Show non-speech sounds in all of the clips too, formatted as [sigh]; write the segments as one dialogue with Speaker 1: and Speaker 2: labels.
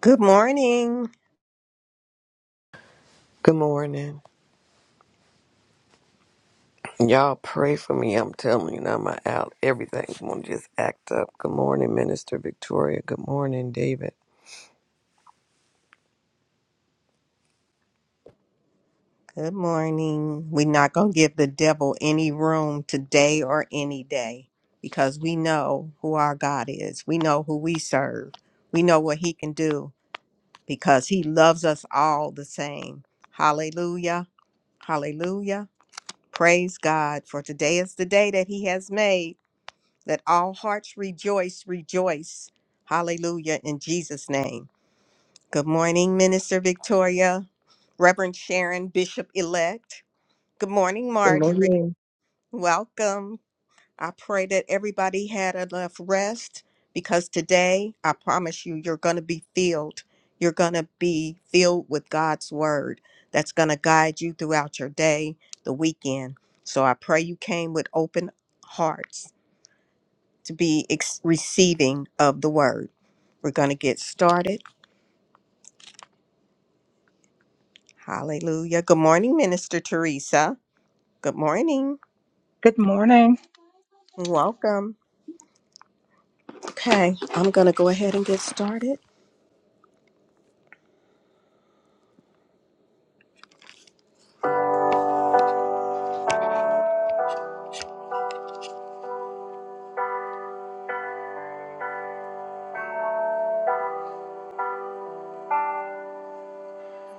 Speaker 1: Good morning.
Speaker 2: Good morning. Y'all pray for me. I'm telling you now, my out everything's gonna just act up. Good morning, Minister Victoria. Good morning, David.
Speaker 1: Good morning. We're not going to give the devil any room today or any day because we know who our God is. We know who we serve. We know what he can do because he loves us all the same. Hallelujah. Hallelujah. Praise God. For today is the day that he has made. Let all hearts rejoice, rejoice. Hallelujah. In Jesus' name. Good morning, Minister Victoria, Reverend Sharon, Bishop elect. Good morning,
Speaker 3: Good
Speaker 1: Marjorie.
Speaker 3: morning.
Speaker 1: Welcome. I pray that everybody had enough rest because today, I promise you, you're going to be filled. You're going to be filled with God's word that's going to guide you throughout your day, the weekend. So I pray you came with open hearts to be ex- receiving of the word. We're going to get started. Hallelujah. Good morning, Minister Teresa. Good morning.
Speaker 4: Good morning.
Speaker 1: Welcome. Okay, I'm going to go ahead and get started.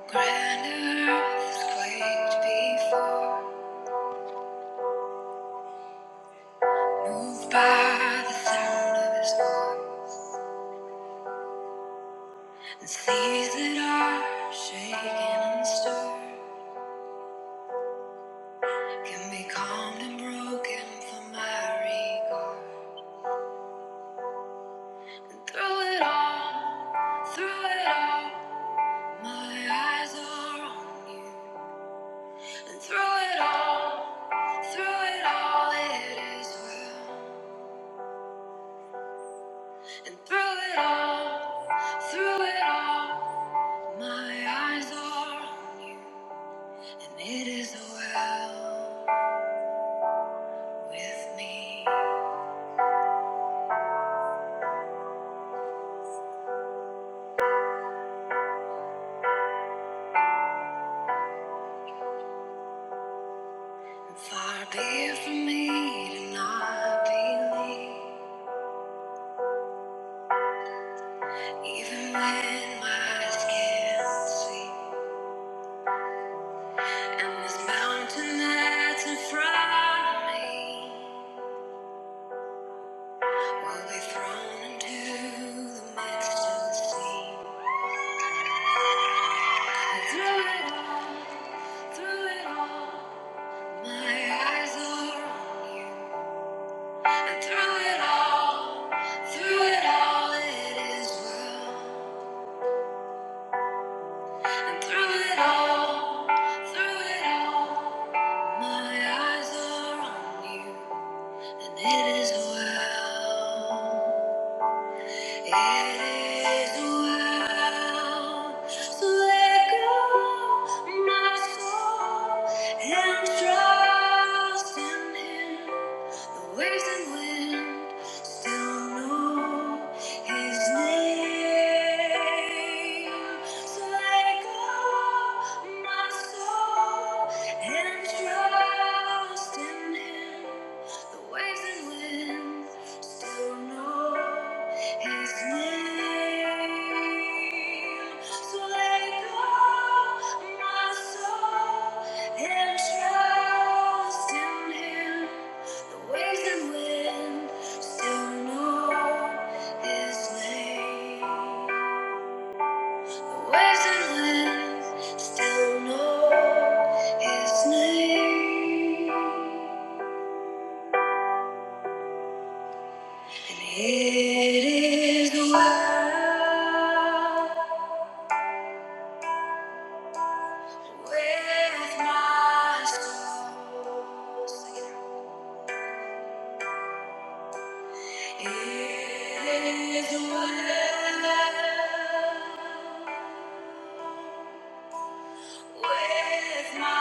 Speaker 1: Grand earth quaked before, moved by the sound of his voice. And seas that are shaken and stirred can be calmed and broken for my recall. Through it all, through it all, my eyes are on. And through it all, through it all, it is well. And through it all, through it all, my eyes are, and it is well with me. And far be it from me to not believe, even when my eyes can't see. And this mountain that's in front of me will be thrown into the midst of the sea. Through it all, through it all, my eyes are on. And through it all, through it all, it is well. through it all, through it all, my eyes are on you, and it is well. It is well to let go my soul and trust in Him. The waves and wind still know His name. So let go my soul and trust trust in Him. The waves and winds still know His name. So let go, my soul, and trust in Him. The waves and winds still know His name. Words and still know his name. And it is well with my soul. It is well with my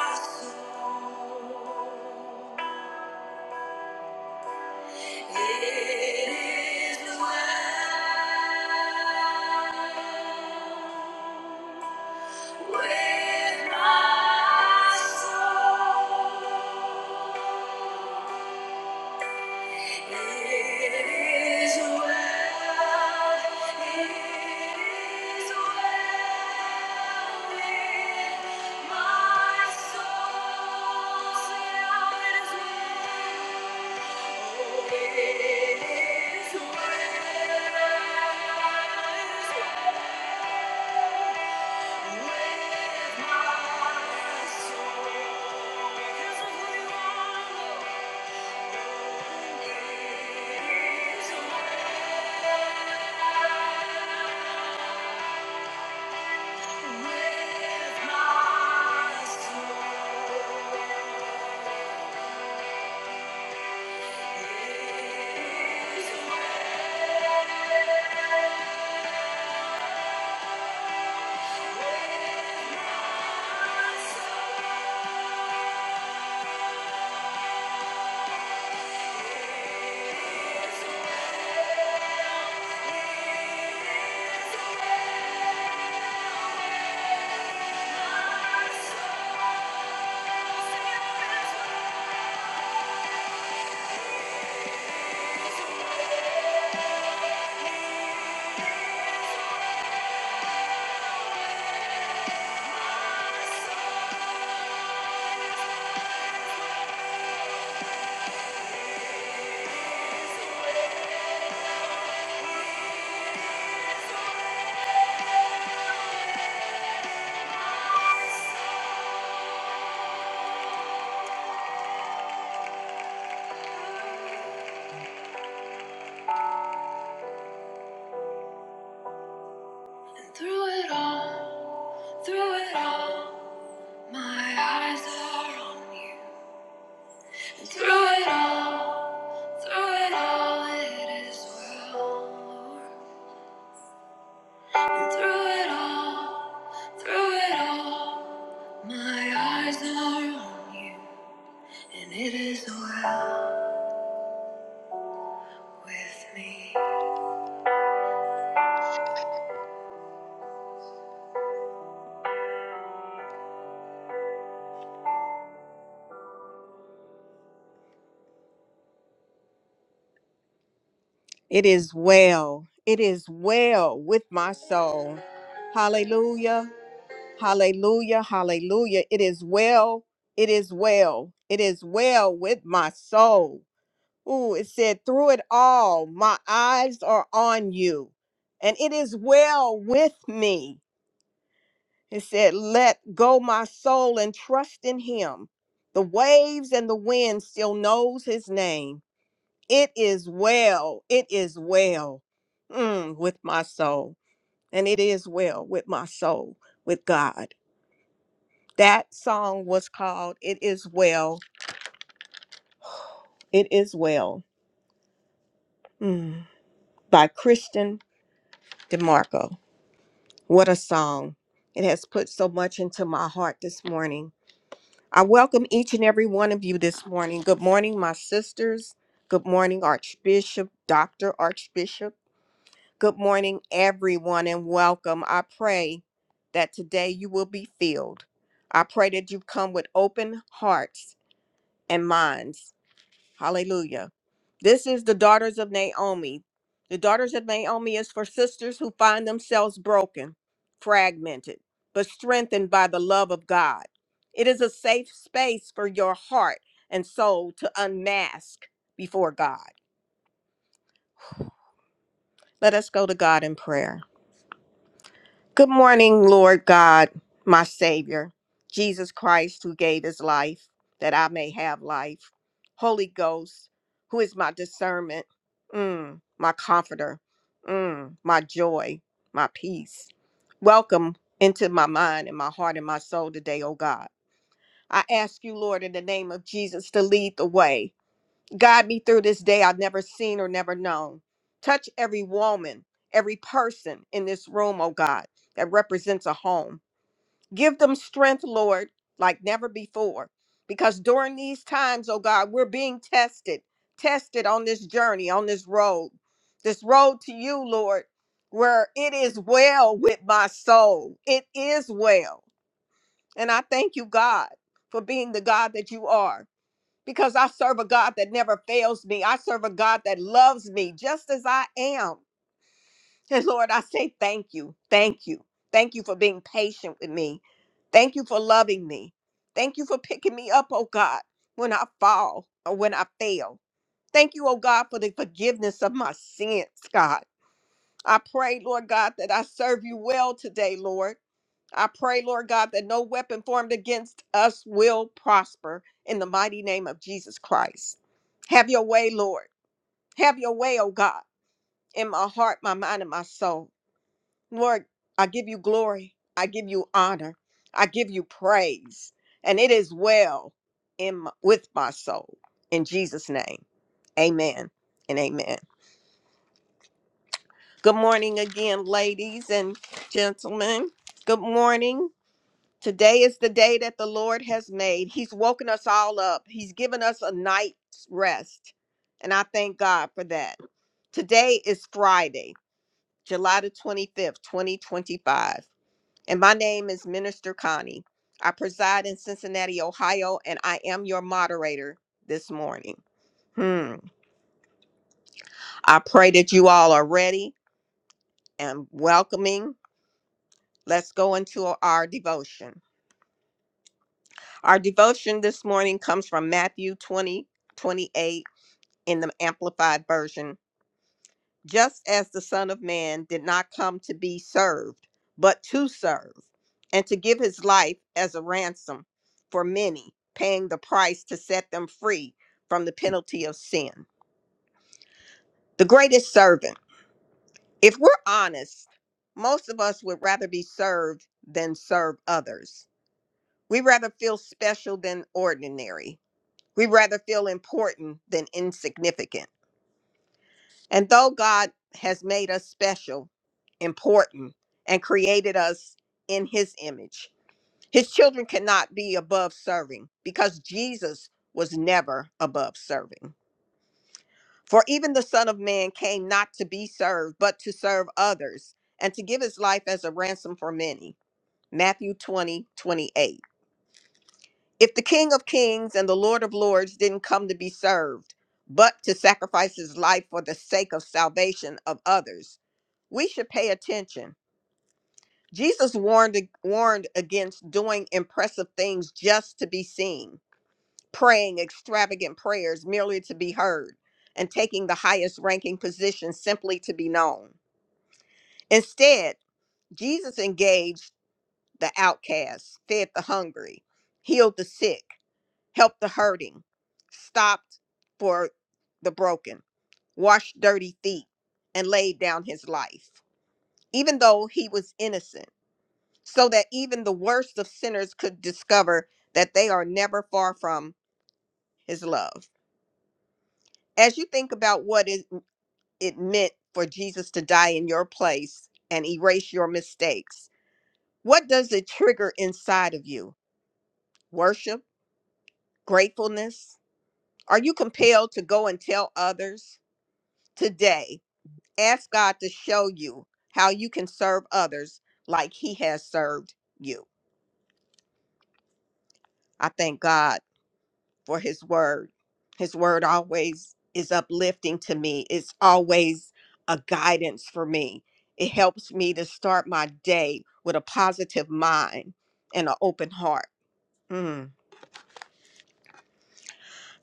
Speaker 1: soul. It is well with my soul. It is well. It is well with my soul. Sing out, it is well. Oh, it is well. It is well. And Through it all, through it all, my eyes are on you. Through it all. Through it all, it is well. Lord. And through it all, through it all, my eyes are on you, and it is well with me. It is well. It is well with my soul. Hallelujah. Hallelujah. Hallelujah. It is well. It is well. It is well with my soul. Ooh, it said, Through it all, my eyes are on you, and it is well with me. It said, Let go my soul and trust in him. The waves and the wind still knows his name. It is well, it is well mm, with my soul, and it is well with my soul, with God. That song was called It Is Well, It Is Well mm, by Christian DeMarco. What a song. It has put so much into my heart this morning. I welcome each and every one of you this morning. Good morning, my sisters. Good morning, Archbishop, Dr. Archbishop. Good morning, everyone, and welcome. I pray that today you will be filled. I pray that you come with open hearts and minds Hallelujah. This is the daughters of Naomi. The daughters of Naomi is for sisters who find themselves broken, fragmented, but strengthened by the love of God. It is a safe space for your heart and soul to unmask before God. Let us go to God in prayer. Good morning, Lord God, my Savior, Jesus Christ, who gave his life that I may have life. Holy Ghost, who is my discernment, mm, my comforter, mm, my joy, my peace. Welcome into my mind and my heart and my soul today, O God. I ask you, Lord, in the name of Jesus, to lead the way Guide me through this day I've never seen or never known. Touch every woman, every person in this room, oh God, that represents a home. Give them strength, Lord, like never before. Because during these times, oh God, we're being tested, tested on this journey, on this road, this road to you, Lord, where it is well with my soul. It is well. And I thank you, God, for being the God that you are because I serve a God that never fails me. I serve a God that loves me just as I am. And Lord, I say thank you. Thank you. Thank you for being patient with me. Thank you for loving me. Thank you for picking me up, oh God, when I fall or when I fail. Thank you, oh God, for the forgiveness of my sins, God. I pray, Lord God, that I serve you well today, Lord. I pray, Lord God, that no weapon formed against us will prosper in the mighty name of Jesus Christ. Have your way, Lord. Have your way, oh God, in my heart, my mind, and my soul. Lord, I give you glory. I give you honor. I give you praise. And it is well in my, with my soul. In Jesus' name, amen and amen. Good morning again, ladies and gentlemen. Good morning. Today is the day that the Lord has made. He's woken us all up, He's given us a night's rest. And I thank God for that. Today is Friday, July the 25th, 2025. And my name is Minister Connie. I preside in Cincinnati, Ohio, and I am your moderator this morning. Hmm. I pray that you all are ready and welcoming Let's go into our devotion. Our devotion this morning comes from Matthew 20 28 in the Amplified Version. Just as the Son of Man did not come to be served, but to serve, and to give his life as a ransom for many, paying the price to set them free from the penalty of sin. The greatest servant. If we're honest, most of us would rather be served than serve others. We rather feel special than ordinary. We rather feel important than insignificant. And though God has made us special, important, and created us in his image, his children cannot be above serving because Jesus was never above serving. For even the Son of Man came not to be served, but to serve others and to give his life as a ransom for many. Matthew 20 28. If the King of Kings and the Lord of Lords didn't come to be served, but to sacrifice his life for the sake of salvation of others, we should pay attention. Jesus warned, warned against doing impressive things just to be seen, praying extravagant prayers merely to be heard, and taking the highest ranking position simply to be known. Instead, Jesus engaged the outcasts, fed the hungry, healed the sick help the hurting, stopped for the broken, washed dirty feet, and laid down his life, even though he was innocent, so that even the worst of sinners could discover that they are never far from his love. As you think about what it, it meant for Jesus to die in your place and erase your mistakes, what does it trigger inside of you? Worship? Gratefulness? Are you compelled to go and tell others? today Ask God to show you how you can serve others like He has served you. I thank God for His word. His word always is uplifting to me, it's always a guidance for me. It helps me to start my day with a positive mind and an open heart. Mm.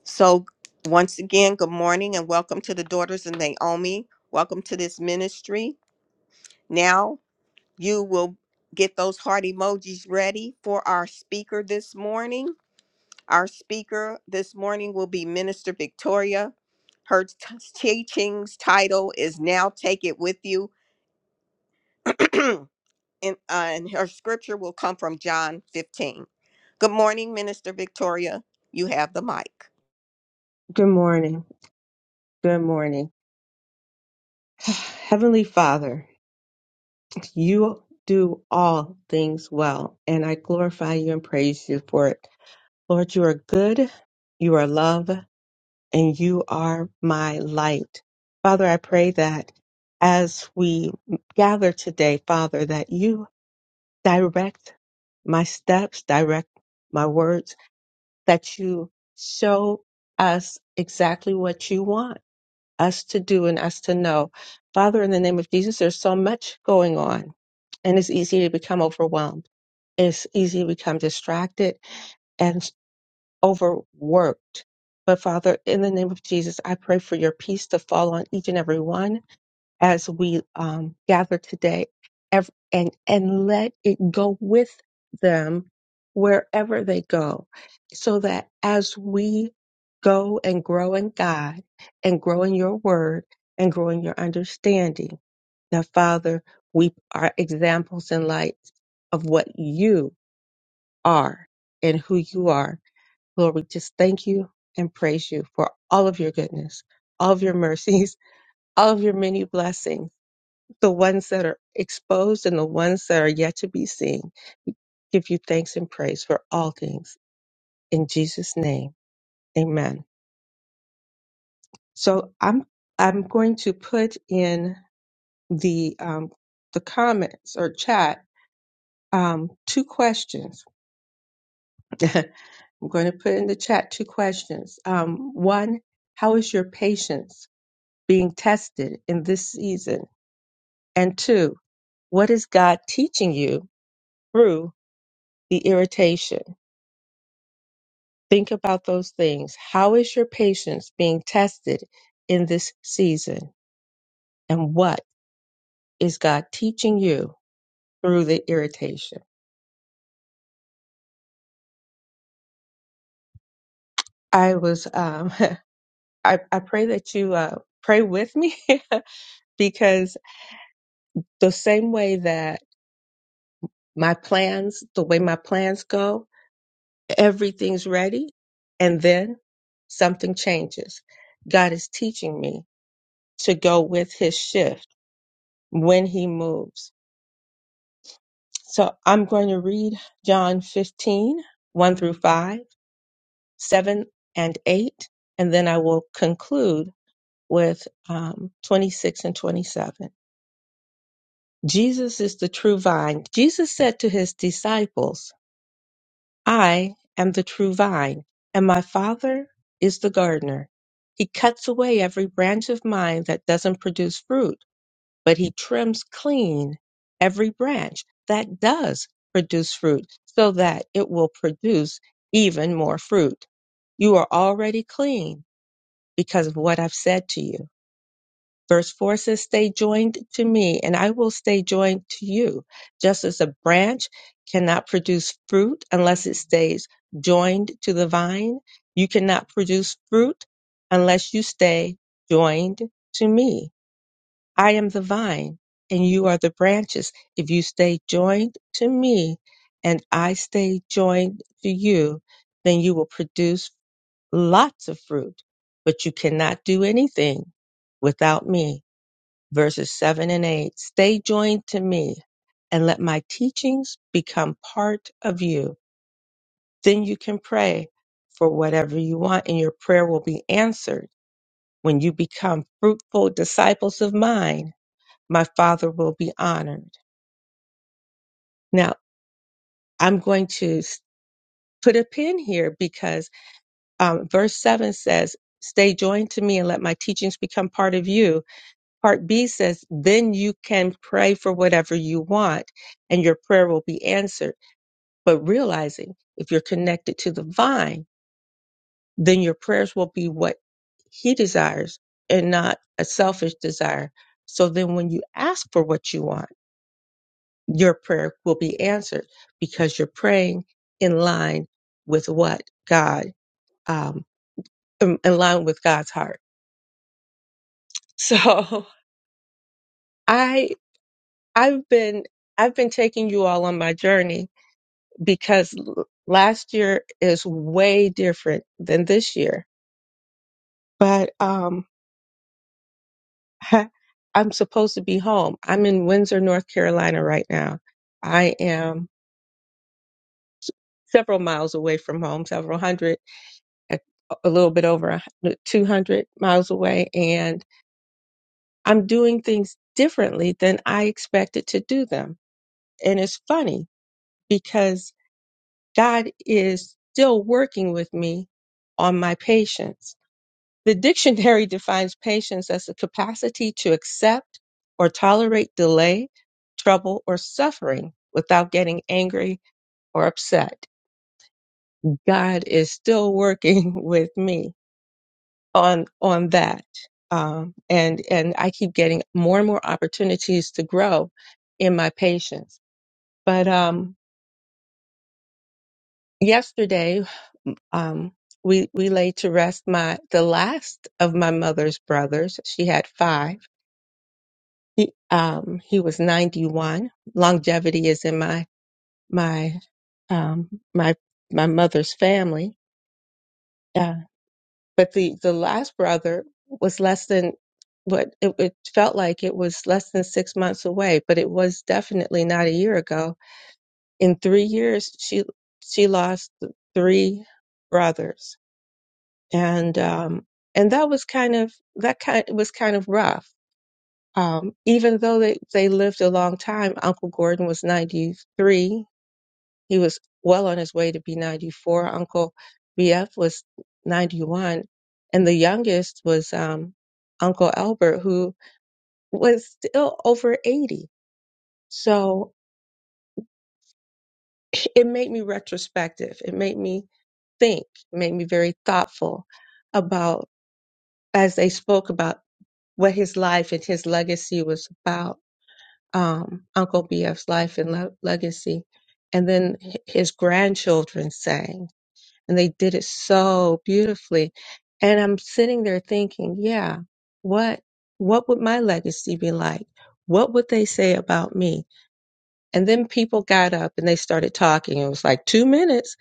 Speaker 1: So, once again, good morning and welcome to the Daughters of Naomi. Welcome to this ministry. Now, you will get those heart emojis ready for our speaker this morning. Our speaker this morning will be Minister Victoria. Her t- teachings title is Now Take It With You. [clears throat] and, uh, and her scripture will come from John 15. Good morning, Minister Victoria. You have the mic.
Speaker 3: Good morning. Good morning. [sighs] Heavenly Father, you do all things well, and I glorify you and praise you for it. Lord, you are good, you are love, and you are my light. Father, I pray that as we gather today, Father, that you direct my steps, direct my words, that you show us exactly what you want us to do and us to know. Father, in the name of Jesus, there's so much going on, and it's easy to become overwhelmed. It's easy to become distracted and overworked. But Father, in the name of Jesus, I pray for your peace to fall on each and every one as we um, gather today ev- and, and let it go with them wherever they go so that as we go and grow in God and grow in your word and grow in your understanding, that Father, we are examples and lights of what you are and who you are. Lord, we just thank you and praise you for all of your goodness, all of your mercies, [laughs] all of your many blessings the ones that are exposed and the ones that are yet to be seen. We give you thanks and praise for all things in Jesus' name. Amen. So I'm I'm going to put in the um, the comments or chat um, two questions. [laughs] I'm going to put in the chat two questions. Um, one, how is your patience being tested in this season? And two, what is God teaching you through the irritation? Think about those things. How is your patience being tested in this season? And what is God teaching you through the irritation? I was, um, [laughs] I, I pray that you uh, pray with me [laughs] because the same way that my plans, the way my plans go, everything's ready and then something changes. God is teaching me to go with his shift when he moves So I'm going to read John 15, 1 through 5, 7 and 8, and then I will conclude with um, 26 and 27. Jesus is the true vine. Jesus said to his disciples, I am the true vine, and my Father is the gardener. He cuts away every branch of mine that doesn't produce fruit but he trims clean every branch that does produce fruit so that it will produce even more fruit. You are already clean because of what I've said to you. Verse 4 says, Stay joined to me, and I will stay joined to you. Just as a branch cannot produce fruit unless it stays joined to the vine, you cannot produce fruit unless you stay joined to me. I am the vine, and you are the branches. If you stay joined to me, and I stay joined to you, then you will produce lots of fruit, but you cannot do anything without me. Verses 7 and 8 Stay joined to me, and let my teachings become part of you. Then you can pray for whatever you want, and your prayer will be answered when you become fruitful disciples of mine my father will be honored. Now, I'm going to s- put a pin here because um, verse 7 says, Stay joined to me and let my teachings become part of you. Part B says, Then you can pray for whatever you want and your prayer will be answered. But realizing if you're connected to the vine, then your prayers will be what he desires and not a selfish desire. So then when you ask for what you want, your prayer will be answered because you're praying in line with what God, um, in in line with God's heart. So [laughs] I, I've been, I've been taking you all on my journey because l- last year is way different than this year. But, um, [laughs] I'm supposed to be home. I'm in Windsor, North Carolina right now. I am several miles away from home, several hundred. a, a little bit over 200 miles away and I'm doing things differently than I expected to do them. And it's funny because God is still working with me on my patience. The dictionary [laughs] defines patience as the capacity to accept or tolerate delay, trouble, or suffering without getting angry or upset. God is still working [laughs] with me on on that um, and and I keep getting more and more opportunities to grow in my patients. But um, yesterday um, we we laid to rest my the last of my mother's brothers. She had five. He um, he was ninety one. Longevity is in my my um, my my mother's family. Uh, but the the last brother was less than what it, it felt like it was less than six months away but it was definitely not a year ago in three years she she lost three brothers and um and that was kind of that kind was kind of rough um even though they they lived a long time uncle gordon was 93 he was well on his way to be 94. Uncle BF was 91. And the youngest was um, Uncle Albert, who was still over 80. So it made me retrospective. It made me think, it made me very thoughtful about, as they spoke about what his life and his legacy was about, um, Uncle BF's life and le- legacy. And then h- his grandchildren sang. and they did it so beautifully. And I'm sitting there thinking, yeah, what what would my legacy be like? What would they say about me? And then people got up and they started talking. It was like two minutes,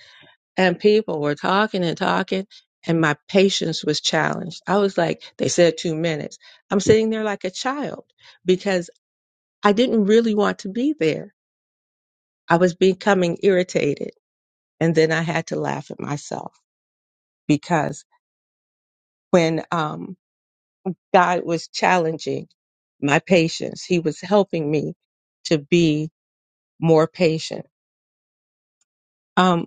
Speaker 3: and people were talking and talking, and my patience was challenged. I was like, they said two minutes. I'm sitting there like a child because I didn't really want to be there. I was becoming irritated. And then I had to laugh at myself because when um, God was challenging my patience. He was helping me to be more patient. Um,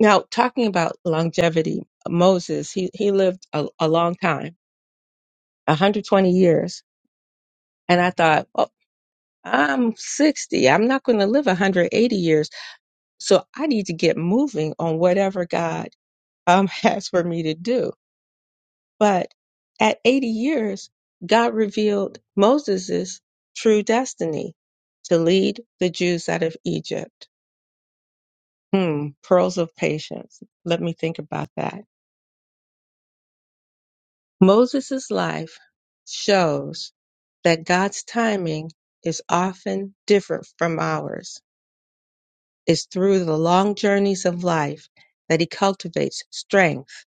Speaker 3: now, talking about longevity, Moses, he, he lived a, a long time, 120 years. And I thought, well, I'm 60. I'm not going to live 180 years. So I need to get moving on whatever God um, [laughs] has for me to do. But at 80 years, God revealed Moses' true destiny to lead the Jews out of Egypt. Hmm, pearls of patience. Let me think about that. Moses' life shows that God's timing is often different from ours. It's through the long journeys of life that he cultivates strength,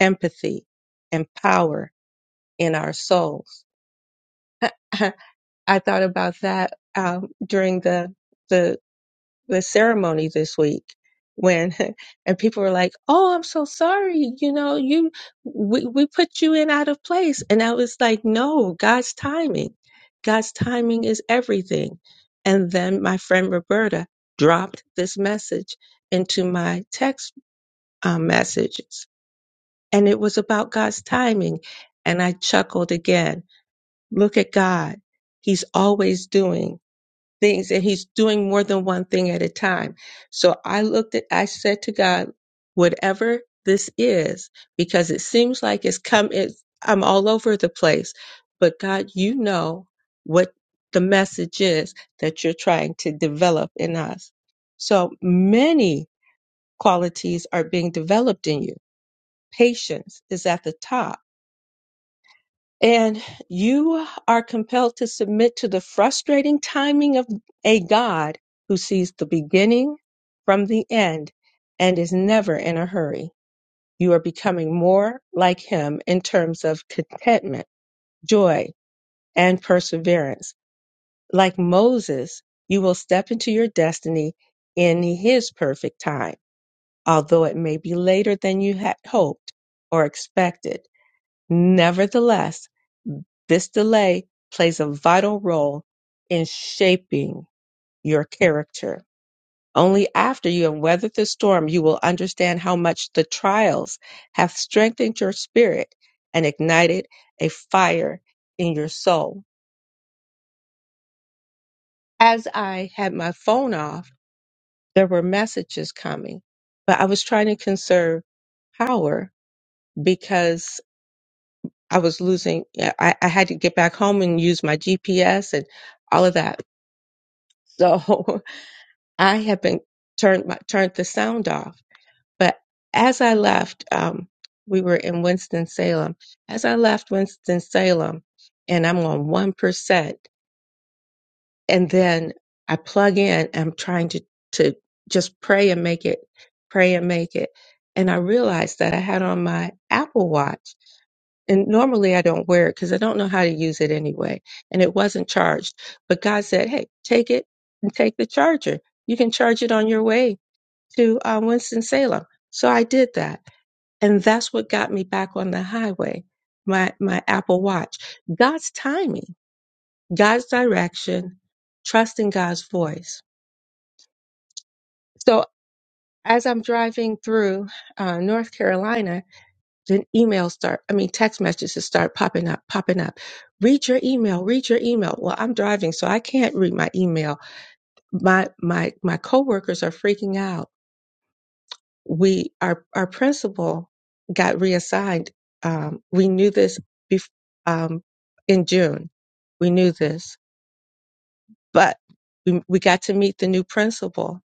Speaker 3: empathy, and power in our souls. [laughs] [clears throat] I thought about that um, during the the the ceremony this week when [laughs] and people were like, "Oh, I'm so sorry. You know, you we we put you in out of place." And I was like, "No, God's timing. God's timing is everything." And then my friend Roberta dropped this message into my text um, messages, and it was about God's timing. And I chuckled again. Look at God. He's always doing things and he's doing more than one thing at a time. So I looked at, I said to God, whatever this is, because it seems like it's come, it's, I'm all over the place, but God, you know what the message is that you're trying to develop in us. So many qualities are being developed in you. Patience is at the top and you are compelled to submit to the frustrating timing of a God who sees the beginning from the end and is never in a hurry. You are becoming more like Him in terms of contentment, joy, and perseverance. Like Moses, you will step into your destiny in His perfect time, although it may be later than you had hoped or expected. Nevertheless, This delay plays a vital role in shaping your character. Only after you have weathered the storm you will understand how much the trials have strengthened your spirit and ignited a fire in your soul. As I had my phone off, there were messages coming, but I was trying to conserve power because I was losing, I, I had to get back home and use my GPS and all of that. So [laughs] I had been turned my, turned the sound off. But as I left, um, we were in Winston Salem. As I left Winston Salem, and I'm on one percent, and then I plug in. I'm trying to to just pray and make it, pray and make it. And I realized that I had on my Apple Watch. And normally I don't wear it because I don't know how to use it anyway. And it wasn't charged. But God said, hey, take it and take the charger. You can charge it on your way to uh, Winston Salem. So I did that, and that's what got me back on the highway. My my Apple Watch, God's timing, God's direction, trusting God's voice. So as I'm driving through uh, North Carolina, then emails start. I mean, text messages start popping up, popping up. Read your email. Read your email. Well, I'm driving, so I can't read my email. My my my coworkers are freaking out we our our principal got reassigned. Um, we knew this bef- um, in June. We knew this, but we, we got to meet the new principal,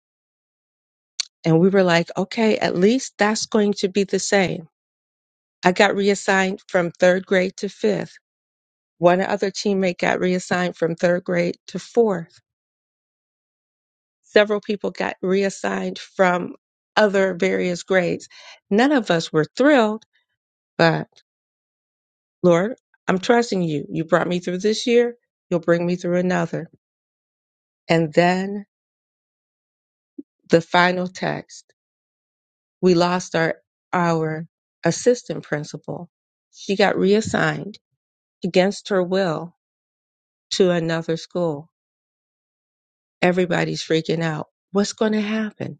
Speaker 3: and we were like, okay, at least that's going to be the same. I got reassigned from third grade to fifth. One other teammate got reassigned from third grade to fourth. Several people got reassigned from other various grades. None of us were thrilled, but. Lord, I'm trusting you. You brought me through this year. You'll bring me through another. And then the final text. We lost our, our assistant principal. She got reassigned against her will to another school. Everybody's freaking out. What's going to happen?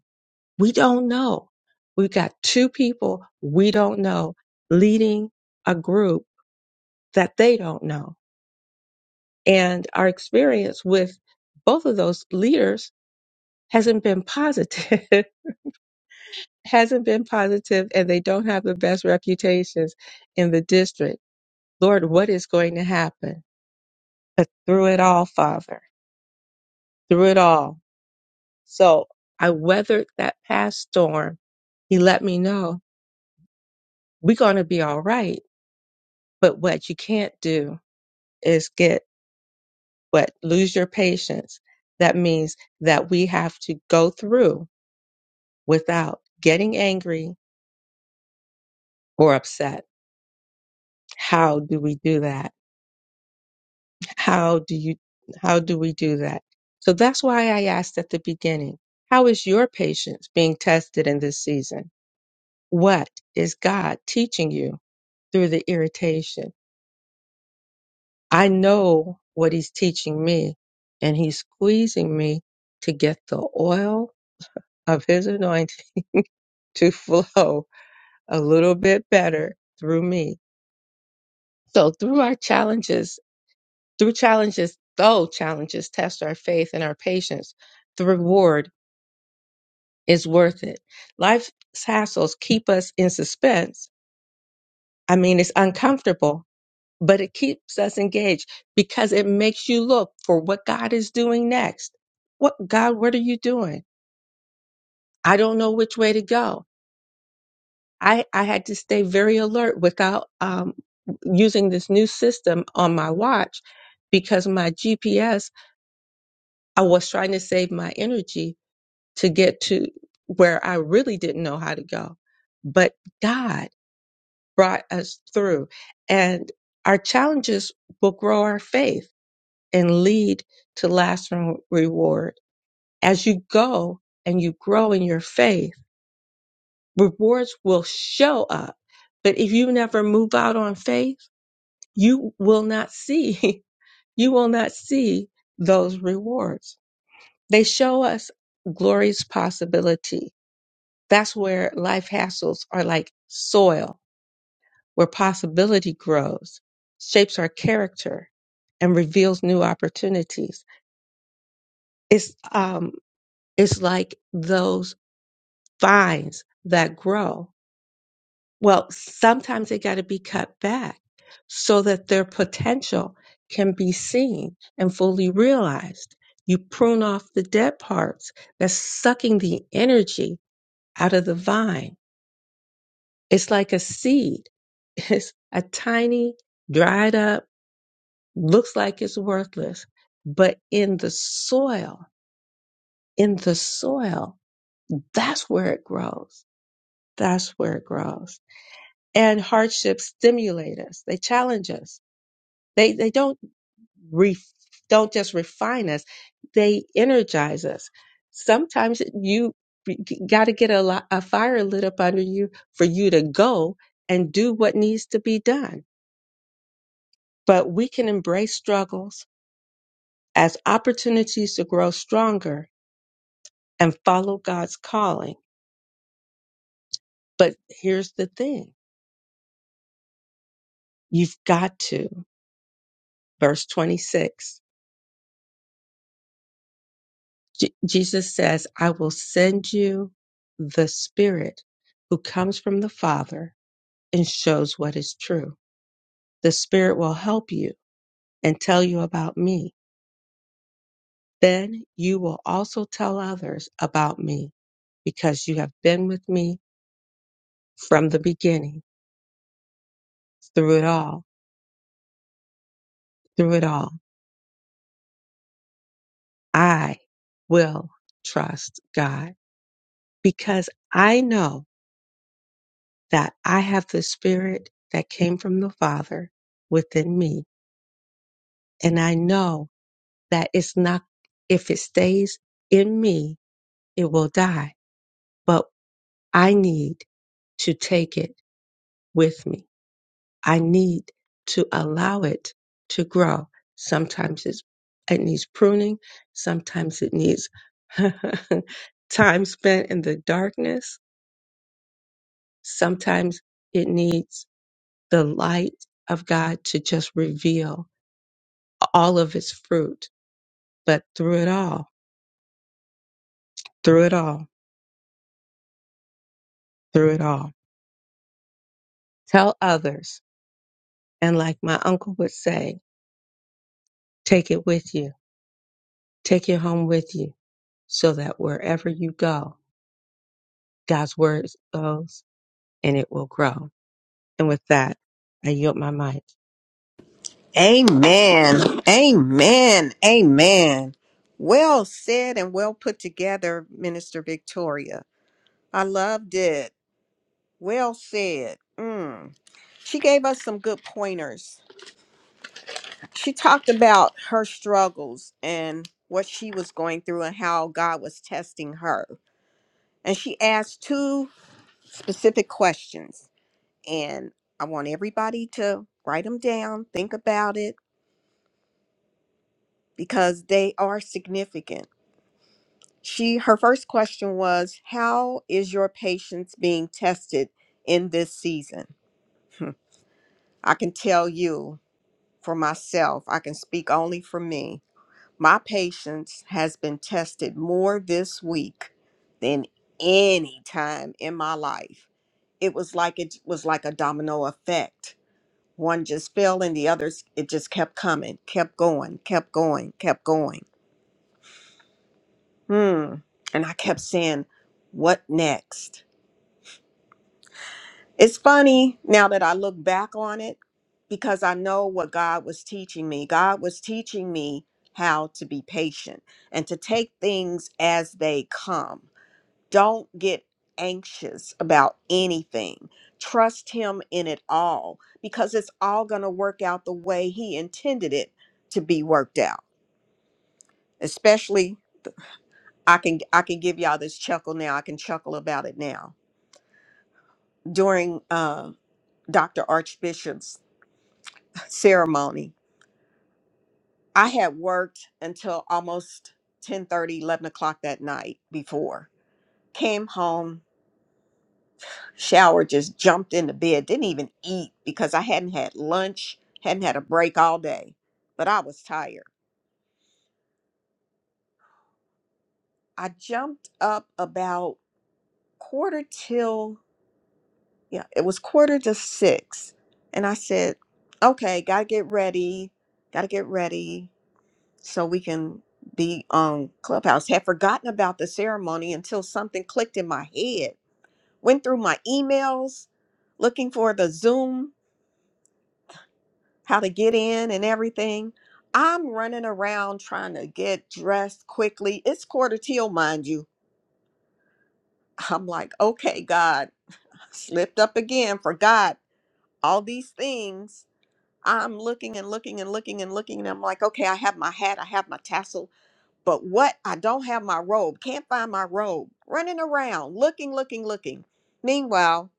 Speaker 3: We don't know. We've got two people we don't know leading a group that they don't know. And our experience with both of those leaders hasn't been positive, [laughs] hasn't been positive, and they don't have the best reputations in the district. Lord, what is going to happen? But through it all, Father, through it all. So I weathered that past storm. He let me know we're going to be all right. But what you can't do is get what lose your patience. That means that we have to go through without getting angry or upset. How do we do that? How do you how do we do that? So that's why I asked at the beginning, how is your patience being tested in this season? What is God teaching you through the irritation? I know what he's teaching me and he's squeezing me to get the oil of his anointing [laughs] to flow a little bit better through me. So through our challenges, through challenges, though challenges test our faith and our patience, the reward Is worth it. Life's hassles keep us in suspense. I mean, it's uncomfortable, but it keeps us engaged because it makes you look for what God is doing next. What God, what are you doing? I don't know which way to go. I, I had to stay very alert without um, using this new system on my watch because my GPS, I was trying to save my energy to get to where I really didn't know how to go. But God, brought us through. And our challenges will grow our faith and lead to lasting reward. As you go and you grow in your faith, rewards will show up. But if you never move out on faith, you will not see, [laughs] you will not see those rewards. They show us glorious possibility. That's where life hassles are like soil where possibility grows, shapes our character, and reveals new opportunities. It's um, it's like those vines that grow. Well, sometimes they got to be cut back so that their potential can be seen and fully realized. You prune off the dead parts that's sucking the energy out of the vine. It's like a seed. [laughs] It's a tiny, dried up looks like it's worthless, but in the soil, in the soil, that's where it grows. That's where it grows. And hardships stimulate us. They challenge us. They they don't re, don't just refine us. They energize us. Sometimes you got to get a, li- a fire lit up under you for you to go and do what needs to be done. But we can embrace struggles as opportunities to grow stronger and follow God's calling. But here's the thing you've got to. Verse 26 Je- Jesus says, I will send you the Spirit who comes from the Father and shows what is true. The Spirit will help you and tell you about me. Then you will also tell others about me because you have been with me from the beginning through it all, through it all. I will trust God. because I know that I have the spirit that came from the Father within me. And I know that it's not, if it stays in me, it will die. But I need to take it with me. I need to allow it to grow. Sometimes it's, it needs pruning. Sometimes it needs [laughs] time spent in the darkness. Sometimes it needs the light of God to just reveal all of its fruit. But through it all, through it all, through it all, tell others. And like my uncle would say, take it with you, take it home with you so that wherever you go, God's word goes and it will grow. And with that, I yield my mic.
Speaker 1: Amen. Amen. Amen. Well said and well put together, Minister Victoria. I loved it. Well said. Mm. She gave us some good pointers. She talked about her struggles and what she was going through and how God was testing her. And she asked two specific questions. And I want everybody to write them down, think about it, because they are significant. She her first question was, How is your patience being tested in this season? [laughs] I can tell you for myself. I can speak only for me. My patience has been tested more this week than any time in my life. It was like it was like a domino effect. One just fell and the others it just kept coming, kept going, kept going, kept going. Hmm. And I kept saying, what next? It's funny now that I look back on it because I know what God was teaching me. God was teaching me how to be patient and to take things as they come. Don't get anxious about anything. Trust Him in it all because it's all going to work out the way He intended it to be worked out. Especially, I can I can give y'all this chuckle now. I can chuckle about it now. During uh, Dr. Archbishop's ceremony. I had worked until almost 10 thirty, 11 o'clock that night before. Came home, showered, just jumped into bed, didn't even eat because I hadn't had lunch, hadn't had a break all day, but I was tired. I jumped up about quarter till, yeah, it was quarter to six. And I said, okay, gotta get ready, gotta get ready. so we can be on Clubhouse. Had forgotten about the ceremony until something clicked in my head. Went through my emails looking for the Zoom, how to get in and everything. I'm running around trying to get dressed quickly. It's quarter till, mind you. I'm like, okay, God, [laughs] slipped up again, forgot all these things. I'm looking and looking and looking and looking, and I'm like, okay, I have my hat, I have my tassel, But what? I don't have my robe. Can't find my robe. Running around, looking, looking, looking. Meanwhile,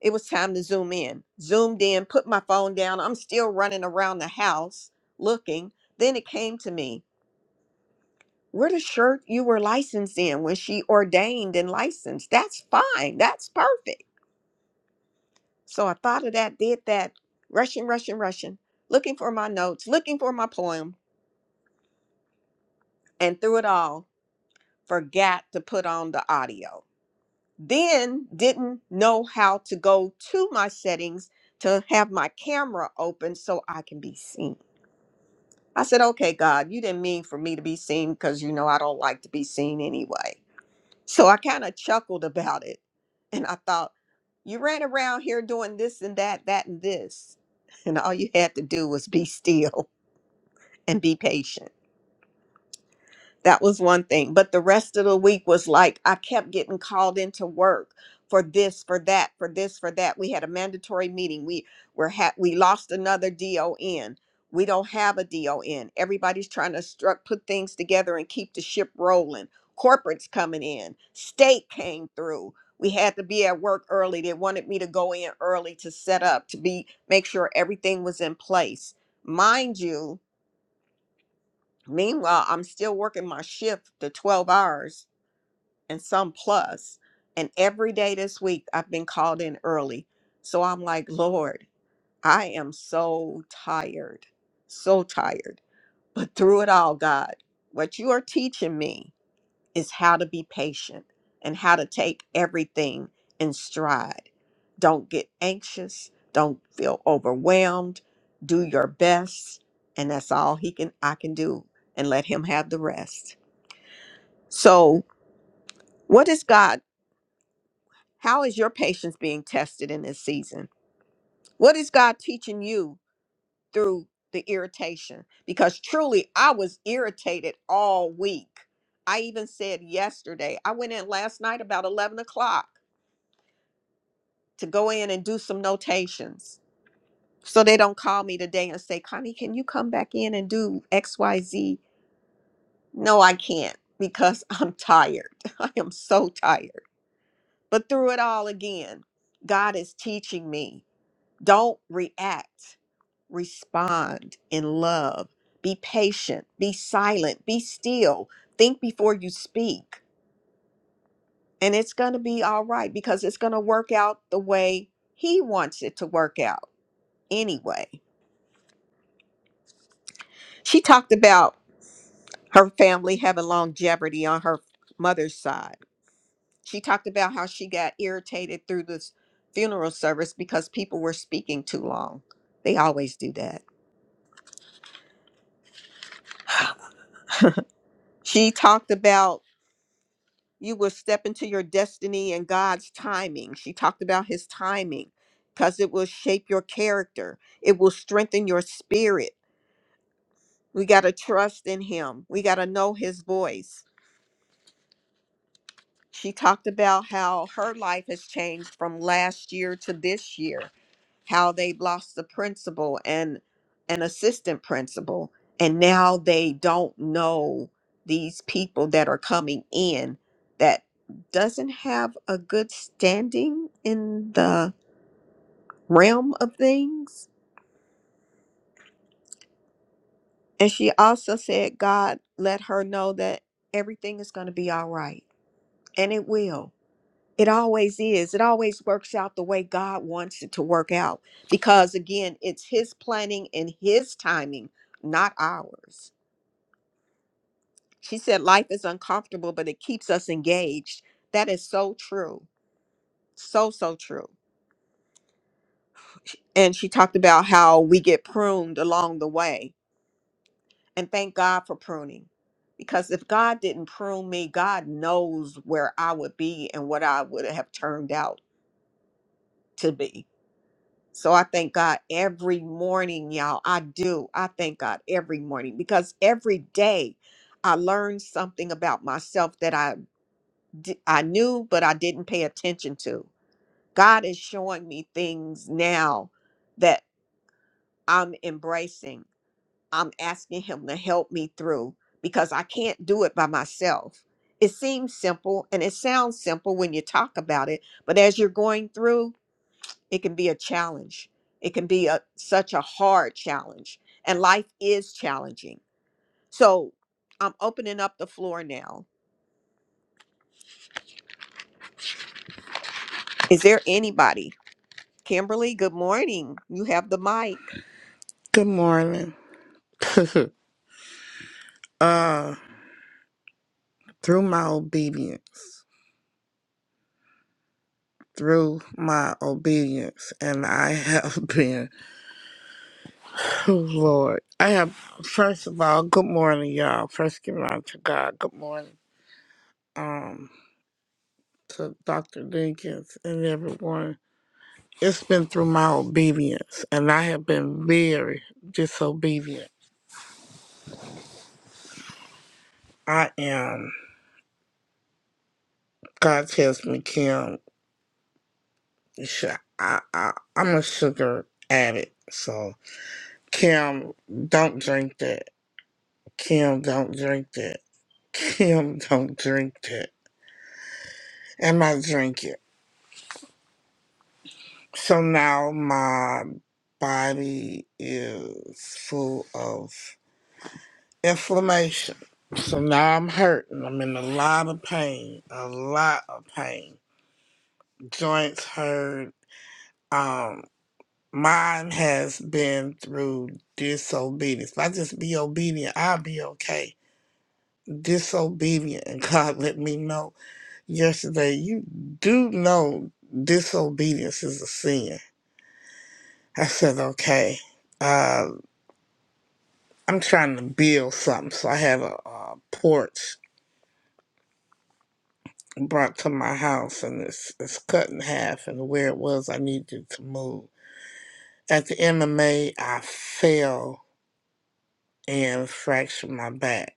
Speaker 1: it was time to zoom in. Zoomed in, put my phone down. I'm still running around the house looking. Then it came to me. Where the shirt you were licensed in when she ordained and licensed. That's fine. That's perfect. So I thought of that, did that, rushing, rushing, rushing, looking for my notes, looking for my poem, and through it all, forgot to put on the audio then didn't know how to go to my settings to have my camera open so I can be seen. I said, okay, God, you didn't mean for me to be seen because you know I don't like to be seen anyway. So I kind of chuckled about it. And I thought, you ran around here doing this and that, that and this. And all you had to do was be still [laughs] and be patient. That was one thing. But the rest of the week was like I kept getting called into work for this, for that, for this, for that. We had a mandatory meeting. We were ha- we lost another DON. We don't have a DON. Everybody's trying to struck put things together and keep the ship rolling. Corporates coming in. State came through. We had to be at work early. They wanted me to go in early to set up to be make sure everything was in place. Mind you, Meanwhile, I'm still working my shift the 12 hours and some plus, And every day this week, I've been called in early. So I'm like, Lord, I am so tired, so tired. But through it all, God, what you are teaching me is how to be patient and how to take everything in stride. Don't get anxious, don't feel overwhelmed. Do your best, and that's all he can I can do and let him have the rest. So, what is God how is your patience being tested in this season? What is God teaching you through the irritation? Because truly, I was irritated all week. I even said yesterday, I went in last night about 11 o'clock. to go in and do some notations so they don't call me today and say, Connie, can you come back in and do XYZ? No, I can't because I'm tired. [laughs] I am so tired. But through it all again, God is teaching me don't react, respond in love. Be patient, be silent, be still, think before you speak. And it's going to be all right because it's going to work out the way He wants it to work out anyway. She talked about her family having longevity on her mother's side. She talked about how she got irritated through this funeral service because people were speaking too long. They always do that. She talked about you will step into your destiny and God's timing. She talked about his timing because it will shape your character, it will strengthen your spirit. We got to trust in him, we got to know his voice. She talked about how her life has changed from last year to this year, how they've lost the principal and an assistant principal, and now they don't know these people that are coming in that doesn't have a good standing in the realm of things. And she also said God let her know that everything is going to be all right, and it will It always is. It always works out the way God wants it to work out because, again, it's His planning and His timing, not ours. She said, Life is uncomfortable, but it keeps us engaged. That is so true. So, so true. And she talked about how we get pruned along the way. And thank God for pruning because if God didn't prune me, God knows where I would be and what I would have turned out to be So I thank God every morning, y'all. I do. I thank God every morning because every day I learn something about myself that I d- I knew but I didn't pay attention to. God is showing me things now that I'm embracing. I'm asking him to help me through because I can't do it by myself. It seems simple and it sounds simple when you talk about it, but as you're going through, it can be a challenge it can be a such a hard challenge and life is challenging so i'm opening up the floor now is there anybody kimberly good morning you have the mic
Speaker 5: Good morning. [laughs] uh, through my obedience, through my obedience, and I have [laughs] been, oh Lord, I have, first of all, good morning, y'all. First, give it out to God. Good morning. Um, to Dr. Dinkins and everyone. It's been through my obedience, and I have been very disobedient. I am, God tells me, Kim, you should- I, I, I'm a sugar addict, so. Kim, don't drink that. Kim, don't drink that. Kim, [laughs] don't drink that. And I drink it. So now my body is full of inflammation. So now I'm hurting. I'm in a lot of pain. A lot of pain. Joints hurt. Um, mine has been through disobedience. If I just be obedient, I'll be okay. Disobedient, and God [laughs] let me know. yesterday, you do know disobedience is a sin. I said, okay, uh, I'm trying to build something. So I have a, uh porch brought to my house and it's, it's cut in half and where it was, I needed to move. At the MMA, I fell and fractured my back.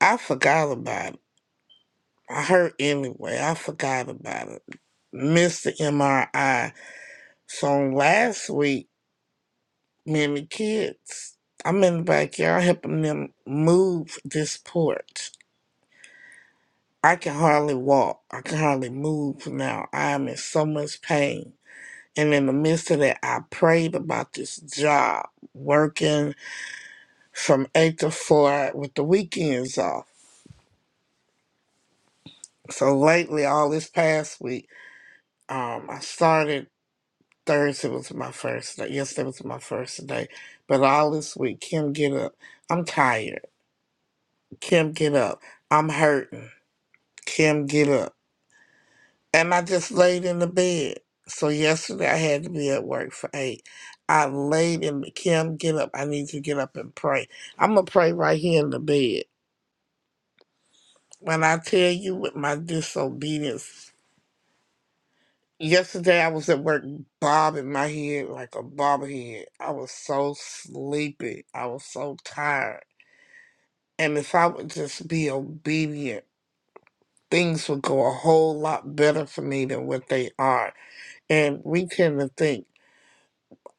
Speaker 5: I forgot about it. I hurt anyway. I forgot about it. Missed the MRI. So last week, married kids. I'm in the backyard helping them move this porch. I can hardly walk. I can hardly move now. I am in so much pain. And in the midst of that, I prayed about this job, working from 8 to 4 with the weekends off. So lately, all this past week, um, I started Thursday was my first day. Yesterday was my first day. But all this week, Kim, get up. I'm tired. Kim, get up. I'm hurting. Kim get up. And I just laid in the bed. So yesterday I had to be at work for eight. I laid in the Kim get up. I need to get up and pray. I'm gonna pray right here in the bed. When I tell you with my disobedience, yesterday I was at work bobbing my head like a bobblehead. I was so sleepy. I was so tired. And if I would just be obedient, things would go a whole lot better for me than what they are. And we tend to think.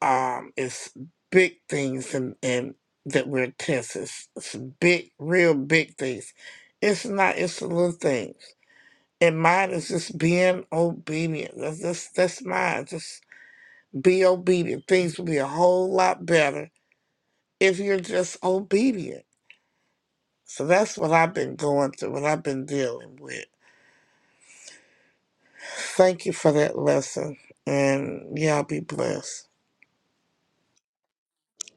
Speaker 5: um it's big things and and that we're tense it's, it's big real big things it's not it's the little things and mine is just being obedient that's that's, that's mine just be obedient things will be a whole lot better if you're just obedient so that's what i've been going through what i've been dealing with thank you for that lesson and y'all be blessed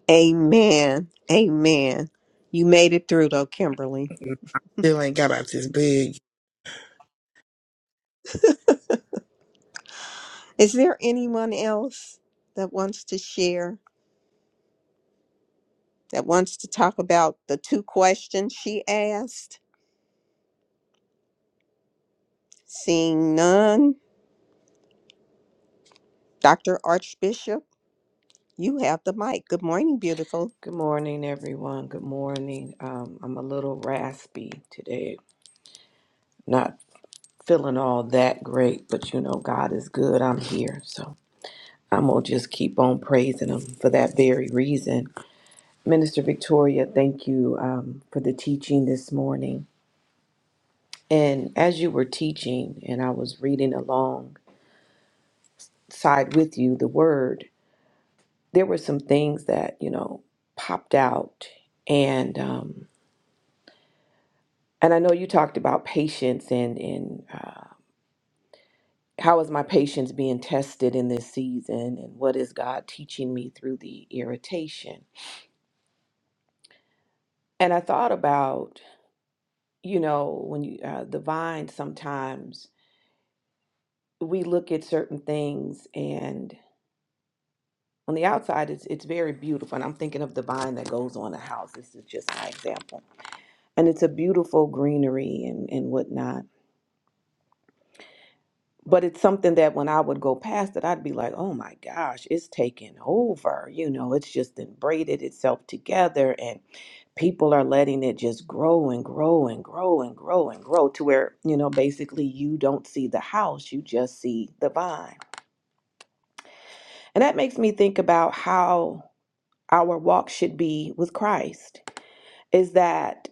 Speaker 1: amen amen you made it through though kimberly
Speaker 5: I still ain't got out this big
Speaker 1: is there anyone else that wants to share that wants to talk about the two questions she asked seeing none dr archbishop you have the mic good morning beautiful
Speaker 2: Good morning, everyone. Good morning. Um, I'm a little raspy today. Not feeling all that great, but you know, God is good. I'm here. So I'm gonna just keep on praising him for that very reason. Minister Victoria, thank you um, for the teaching this morning. And as you were teaching and I was reading along, side with you the word there were some things that you know popped out and um and i know you talked about patience and and uh how is my patience being tested in this season and what is god teaching me through the irritation and i thought about you know when you uh, the vine sometimes we look at certain things and on the outside it's it's very beautiful and i'm thinking of the vine that goes on a house this is just my example and it's a beautiful greenery and, and whatnot. But it's something that when I would go past it, I'd be like, oh my gosh, it's taken over. You know, it's just then braided itself together and people are letting it just grow and grow and grow and grow and grow to where, you know, basically you don't see the house, you just see the vine. And that makes me think about how our walk should be with Christ. Is that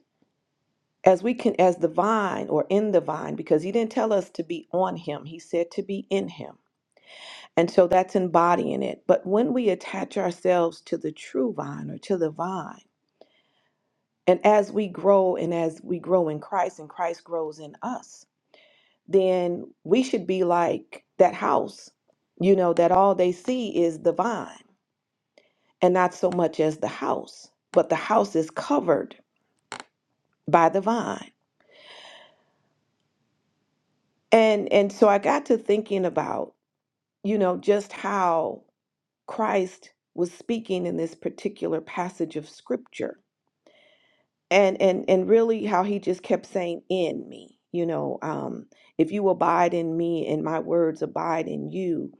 Speaker 2: as we can as the vine or in the vine because he didn't tell us to be on him he said to be in him and so that's embodying it but when we attach ourselves to the true vine or to the vine and as we grow and as we grow in christ and christ grows in us then we should be like that house you know that all they see is the vine and not so much as the house but the house is covered by the vine and and so i got to thinking about you know, just how Christ was speaking in this particular passage of scripture. And and and really how he just kept saying in me, you know, um, if you abide in me and my words abide in you,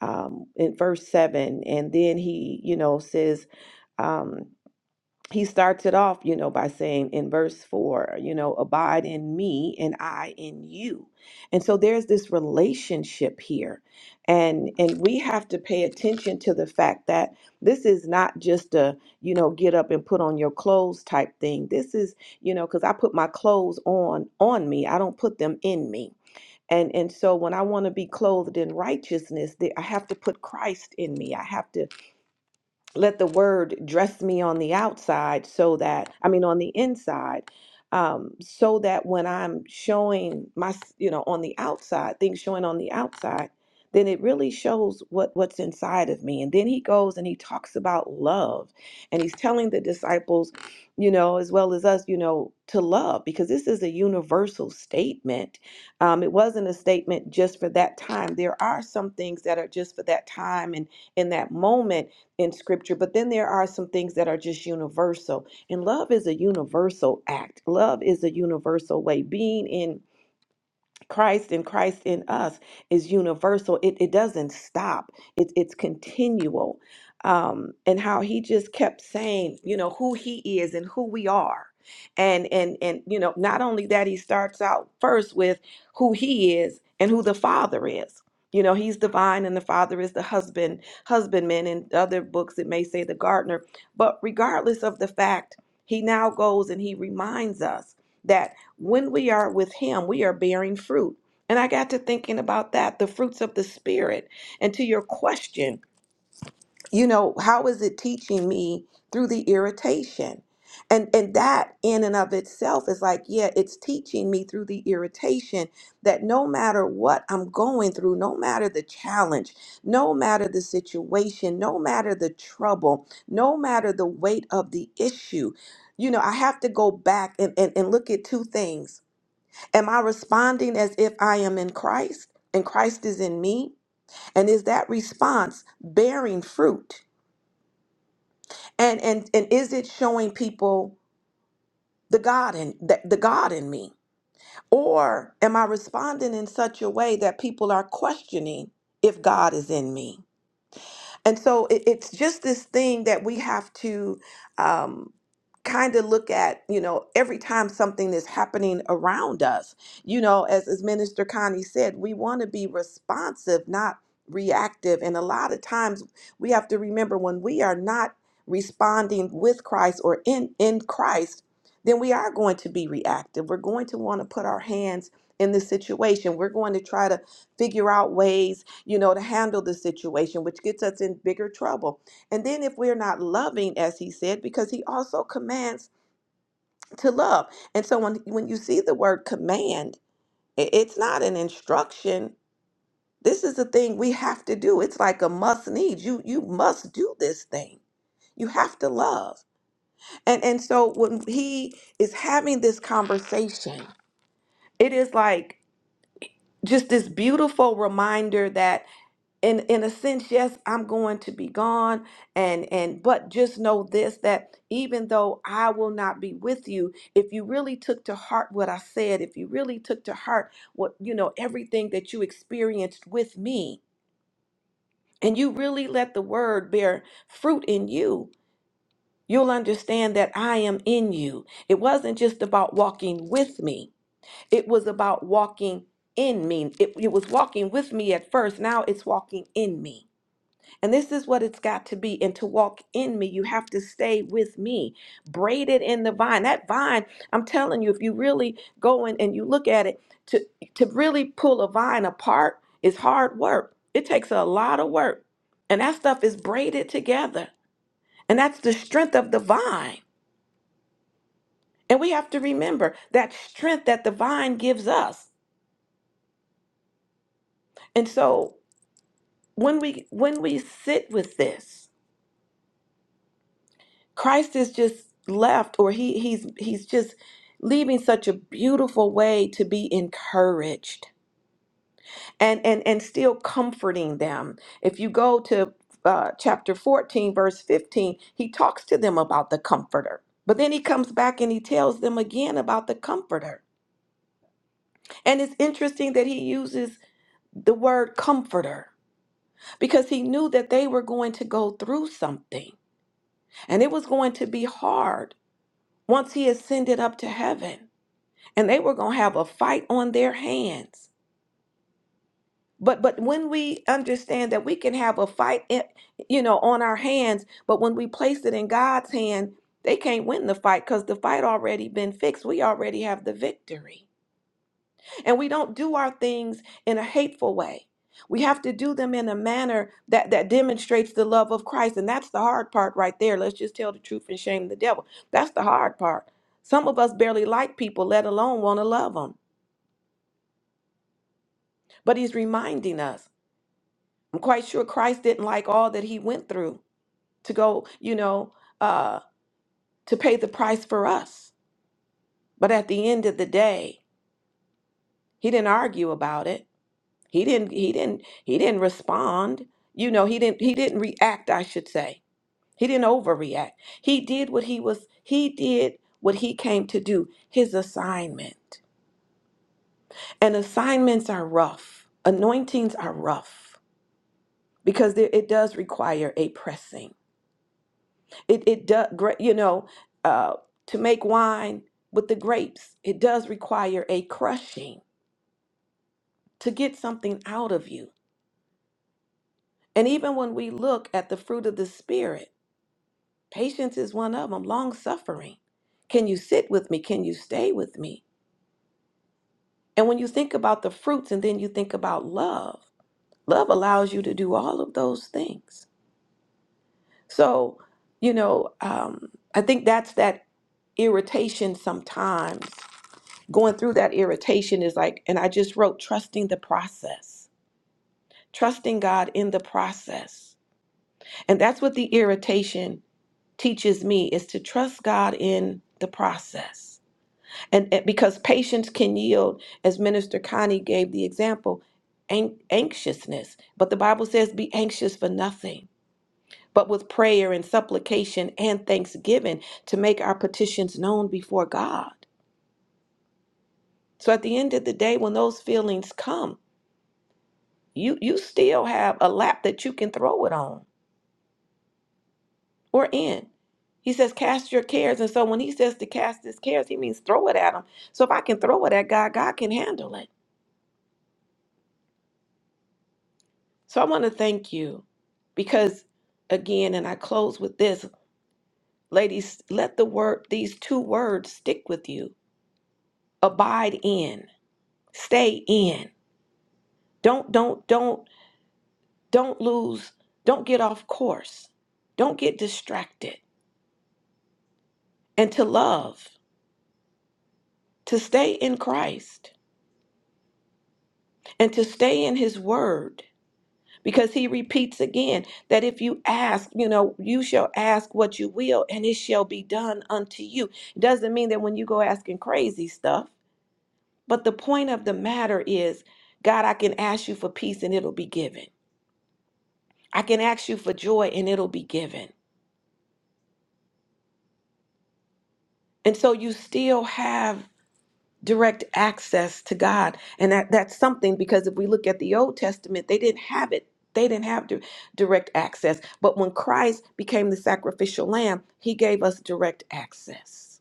Speaker 2: um, in verse seven, and then he, you know, says, um he starts it off, you know, by saying in verse four, you know, abide in me and I in you. And so there's this relationship here. And and we have to pay attention to the fact that this is not just a, you know, get up and put on your clothes type thing. This is, you know, because I put my clothes on on me. I don't put them in me. And and so when I want to be clothed in righteousness, the- I have to put Christ in me. I have to let the word dress me on the outside so that i mean on the inside um, so that when i'm showing my you know on the outside things showing on the outside then it really shows what what's inside of me and then he goes and he talks about love and he's telling the disciples you know as well as us you know to love because this is a universal statement um, it wasn't a statement just for that time there are some things that are just for that time and in that moment in scripture, but then there are some things that are just universal. And love is a universal act, love is a universal way. Being in Christ and Christ in us is universal. It, it doesn't stop. It, it's continual. Um, and how he just kept saying, you know, who he is and who we are. And and and you know, not only that, he starts out first with who he is and who the father is. You know, he's divine and the father is the husband, husbandman. In other books, it may say the gardener. But regardless of the fact, he now goes and he reminds us that when we are with him we are bearing fruit and i got to thinking about that the fruits of the spirit and to your question you know how is it teaching me through the irritation and and that in and of itself is like yeah it's teaching me through the irritation that no matter what i'm going through no matter the challenge no matter the situation no matter the trouble no matter the weight of the issue you know i have to go back and and, and look at two things Am I responding as if I am in Christ and Christ is in me? And is that response bearing fruit? And and and is it showing people the God in the, the God in me? Or am I responding in such a way that people are questioning if God is in me? And so it, it's just this thing that we have to um, kind of look at, you know, every time something is happening around us. You know, as, as Minister Connie said, we want to be responsive, not reactive. And a lot of times we have to remember when we are not responding with Christ or in, in Christ, then we are going to be reactive. We're going to want to put our hands in the situation. We're going to try to figure out ways you know, to handle the situation, which gets us in bigger trouble. And then if we're not loving, as he said, because he also commands to love. And so when, when you see the word command, i- it's not an instruction. This is a thing we have to do. It's like a must need. You you must do this thing. You have to love. And and so when he is having this conversation, it is like just this beautiful reminder that in in a sense yes i'm going to be gone and and but just know this that even though i will not be with you if you really took to heart what i said if you really took to heart what you know everything that you experienced with me and you really let the word bear fruit in you you'll understand that i am in you it wasn't just about walking with me it was about walking in me it, it was walking with me at first now it's walking in me and this is what it's got to be. And to walk in me, you have to stay with me, braided in the vine. That vine, I'm telling you, if you really go in and you look at it, to, to really pull a vine apart is hard work. It takes a lot of work. And that stuff is braided together. And that's the strength of the vine. And we have to remember that strength that the vine gives us. And so when we when we sit with this, Christ is just left or he he's he's just leaving such a beautiful way to be encouraged and and and still comforting them. If you go to uh, chapter 14 verse 15, he talks to them about the comforter. But then he comes back and he tells them again about the comforter. And it's interesting that he uses the word comforter because he knew that they were going to go through something and it was going to be hard once he ascended up to heaven. and they were going to have a fight on their hands but but when we understand that we can have a fight in- you know on our hands but when we place it in god's hand they can't win the fight because the fight already been fixed we already have the victory and we don't do our things in a hateful way we have to do them in a manner that that demonstrates the love of christ and that's the hard part right there let's just tell the truth and shame the devil that's the hard part some of us barely like people let alone want to love them. But he's reminding us. I'm quite sure Christ didn't like all that he went through to go, you know, uh, to pay the price for us. But at the end of the day, he didn't argue about it. He didn't. He didn't. He didn't respond. You know, he didn't. He didn't react. I should say. He didn't overreact. He did what he was. He did what he came to do. His assignment. And assignments are rough. Anointings are rough because there, it does require a pressing. It it does you know uh, to make wine with the grapes. It does require a crushing to get something out of you. And even when we look at the fruit of the spirit, patience is one of them. Long suffering. Can you sit with me? Can you stay with me? And when you think about the fruits, and then you think about love. Love allows you to do all of those things. So you know, um, I think that's that irritation sometimes going through that irritation is like, and I just wrote trusting the process, trusting God in the process. And that's what the irritation teaches me is to trust God in the process. And, and because patience can yield, as Minister Connie gave the example, an- anxiousness. But the Bible says, be anxious for nothing, but with prayer and supplication and thanksgiving to make our petitions known before God. So at the end of the day, when those feelings come, you you still have a lap that you can throw it on or in. He says, cast your cares. And so when he says to cast his cares, he means throw it at him. So if I can throw it at God, God can handle it. So I want to thank you because again, and I close with this, ladies, let the word, these two words stick with you. Abide in, stay in. Don't, don't, don't, don't lose, don't get off course. Don't get distracted. And to love, to stay in Christ and to stay in his word because he repeats again that if you ask you know you shall ask what you will and it shall be done unto you it doesn't mean that when you go asking crazy stuff but the point of the matter is god i can ask you for peace and it'll be given i can ask you for joy and it'll be given and so you still have direct access to God. And that, that's something because if we look at the Old Testament, they didn't have it. They didn't have di- direct access. But when Christ became the sacrificial lamb, he gave us direct access.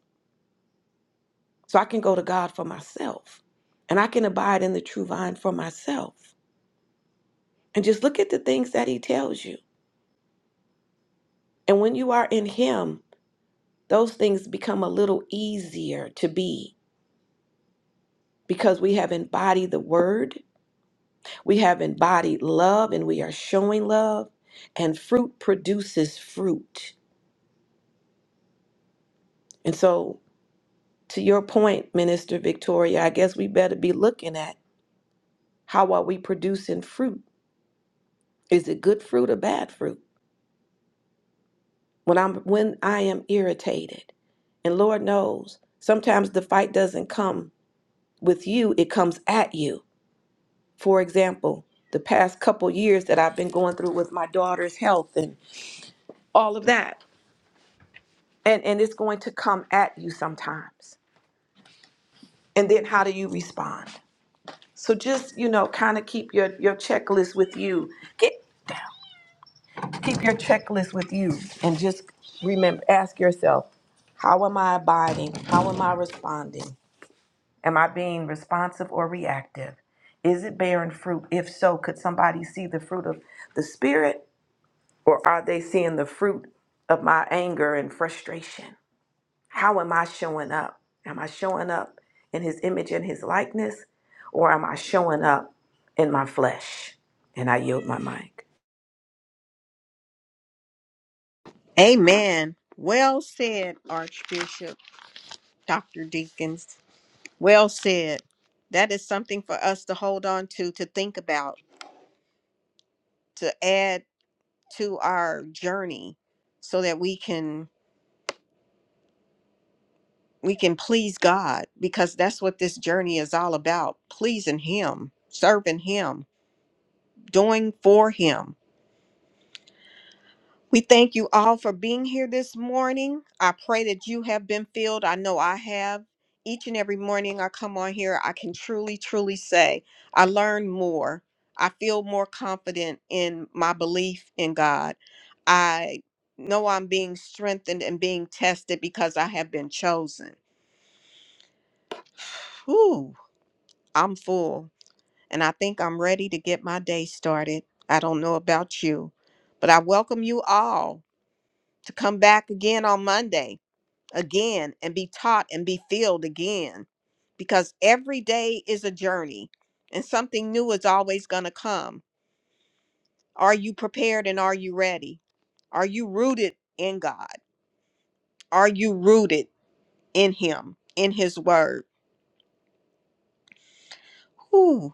Speaker 2: So I can go to God for myself and I can abide in the true vine for myself. And just look at the things that he tells you. And when you are in him, those things become a little easier to be because we have embodied the word We have embodied love and we are showing love, and fruit produces fruit. And so, to your point, Minister Victoria, I guess we better be looking at how are we producing fruit? Is it good fruit or bad fruit? When I'm when I am irritated, and Lord knows, sometimes the fight doesn't come with you, it comes at you. For example, the past couple years that I've been going through with my daughter's health and all of that and and it's going to come at you sometimes and then how do you respond so just you know kind of keep your your checklist with you get down keep your checklist with you and just remember ask yourself how am i abiding how am i responding am i being responsive or reactive is it bearing fruit if so could somebody see the fruit of the spirit or are they seeing the fruit of my anger and frustration How am I showing up? Am I showing up in his image and his likeness? Or am I showing up in my flesh? And I yield my mic.
Speaker 1: Amen. Well said, Archbishop, Dr. Deacons. Well said. That is something for us to hold on to, to think about, to add to our journey so that we can we can please God because that's what this journey is all about, pleasing him, serving him, doing for him. We thank you all for being here this morning. I pray that you have been filled. I know I have. Each and every morning I come on here, I can truly, truly say I learn more. I feel more confident in my belief in God. I know I'm being strengthened and being tested because I have been chosen. Whew, I'm full, and I think I'm ready to get my day started. I don't know about you, but I welcome you all to come back again on Monday. again and be taught and be filled again because every day is a journey and something new is always going to come. Are you prepared and are you ready? Are you rooted in God? Are you rooted in Him, in His Word? Whew.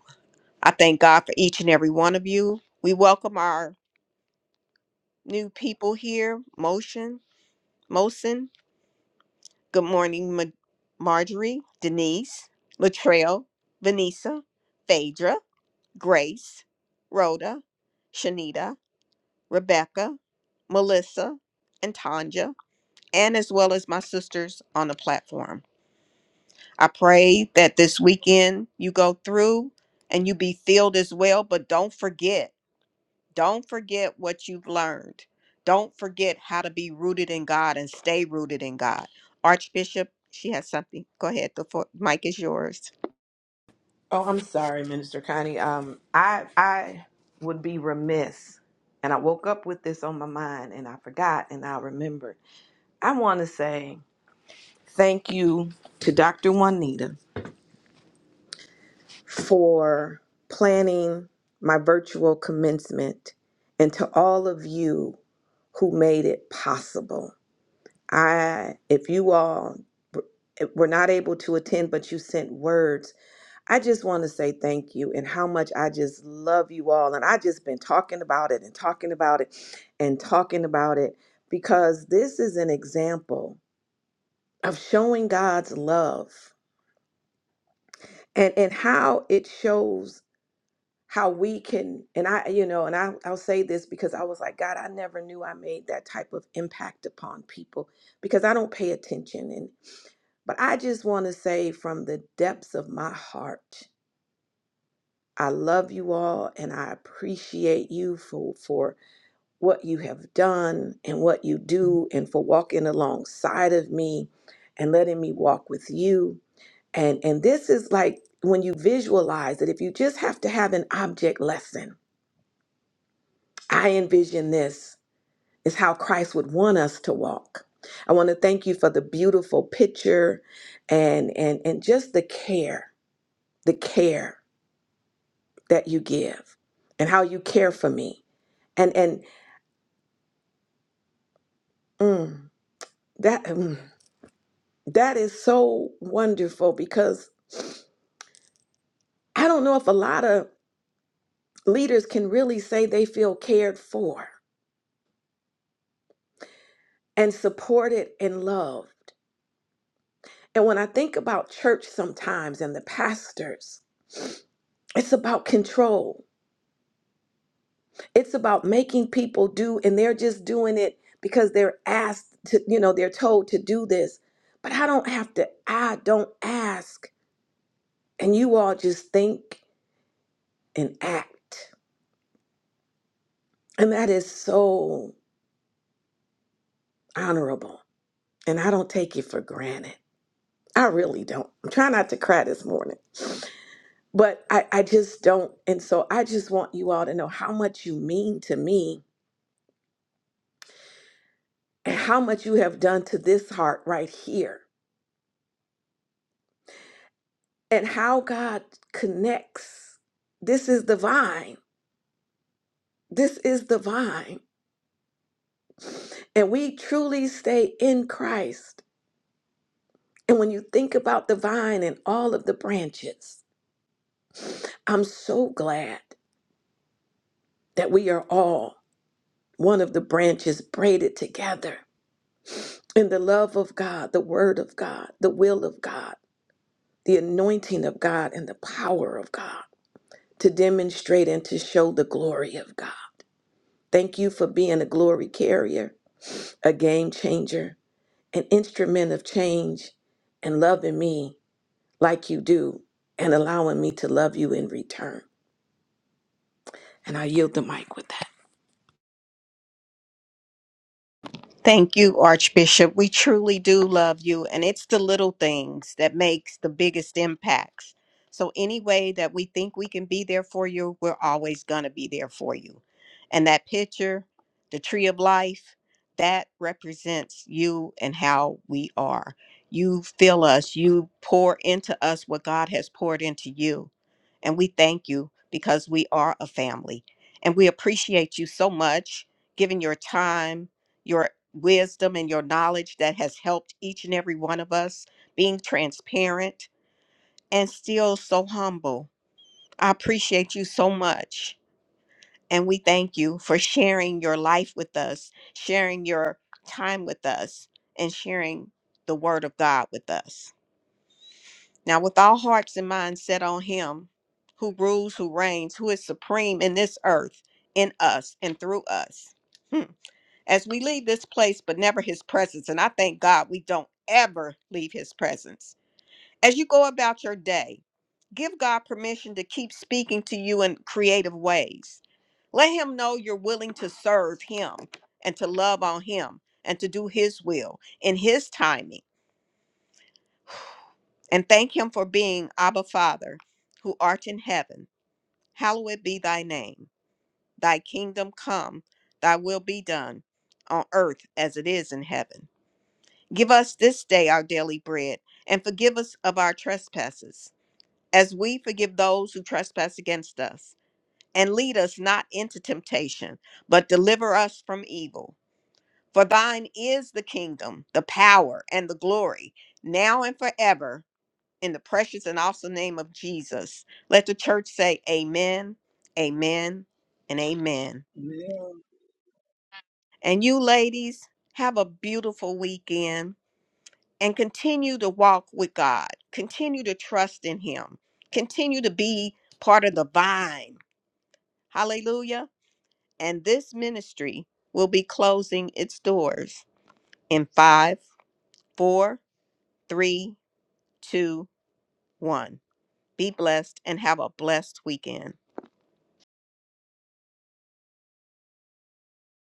Speaker 1: I thank God for each and every one of you. We welcome our new people here Motion, Mosin. Good morning, Ma- Marjorie, Denise, Latrell, Vanessa, Phaedra. Grace, Rhoda, Shanita, Rebecca, Melissa, and Tanja, and as well as my sisters on the platform. I pray that this weekend you go through and you be filled as well, but don't forget, don't forget what you've learned. Don't forget how to be rooted in God and stay rooted in God. Archbishop, she has something. Go ahead. The fo- mic is yours.
Speaker 2: Oh, I'm sorry, Minister Connie. Um, I I would be remiss, and I woke up with this on my mind, and I forgot, and I remembered. I want to say thank you to Dr. Juanita for planning my virtual commencement, and to all of you who made it possible. I, if you all w- eh, were not able to attend, but you sent words, I just want to say thank you and how much I just love you all. And I just been talking about it and talking about it and talking about it because this is an example of showing God's love and, and how it shows. how we can and i you know and I, i'll say this because i was like god i never knew i made that type of impact upon people because i don't pay attention and but i just want to say from the depths of my heart i love you all and i appreciate you for for what you have done and what you do and for walking alongside of me and letting me walk with you and and this is like when you visualize it if you just have to have an object lesson I envision this is how Christ would want us to walk. I want to thank you for the beautiful picture and and and just the care, the care that you give and how you care for me. And and mm, that mm, that is so wonderful because I don't know if a lot of leaders can really say they feel cared for and supported and loved. And when I think about church sometimes and the pastors, It's about control. It's about making people do, and they're just doing it because they're asked to, you know, they're told to do this. But I don't have to, I don't ask. And you all just think and act. And that is so honorable. And I don't take it for granted. I really don't. I'm trying not to cry this morning, but I, I just don't. And so I just want you all to know how much you mean to me and how much you have done to this heart right here and how God connects. This is the vine. This is the vine. And we truly stay in Christ. And when you think about the vine and all of the branches, I'm so glad that we are all one of the branches braided together in the love of God, the word of God, the will of God, the anointing of God, and the power of God to demonstrate and to show the glory of God. Thank you for being a glory carrier. a game changer, an instrument of change, and loving me like you do, and allowing me to love you in return. And I yield the mic with that.
Speaker 1: Thank you, Archbishop. We truly do love you, and it's the little things that makes the biggest impacts. So any way that we think we can be there for you, we're always going to be there for you. And that picture, the tree of life, that represents you and how we are. You fill us, you pour into us what God has poured into you. And we thank you because we are a family. And we appreciate you so much giving your time, your wisdom and your knowledge that has helped each and every one of us being transparent and still so humble. I appreciate you so much. And we thank you for sharing your life with us, sharing your time with us, and sharing the word of God with us. Now, with all hearts and minds set on Him who rules, who reigns, who is supreme in this earth, in us, and through us. Hmm. as we leave this place, but never his presence. And I thank God we don't ever leave his presence. As you go about your day, give God permission to keep speaking to you in creative ways. Let him know you're willing to serve him and to love on him and to do his will in his timing. And thank him for being Abba Father, who art in heaven. Hallowed be thy name. Thy kingdom come, thy will be done on earth as it is in heaven. Give us this day our daily bread, and forgive us of our trespasses, as we forgive those who trespass against us. And lead us not into temptation, but deliver us from evil. For thine is the kingdom, the power, and the glory, now and forever, in the precious and awesome name of Jesus. Let the church say, Amen, Amen, and Amen.
Speaker 6: Amen.
Speaker 1: And you ladies, have a beautiful weekend and continue to walk with God, continue to trust in Him, continue to be part of the vine. Hallelujah. And this ministry will be closing its doors in five, four, three, two, one. Be blessed and have a blessed weekend.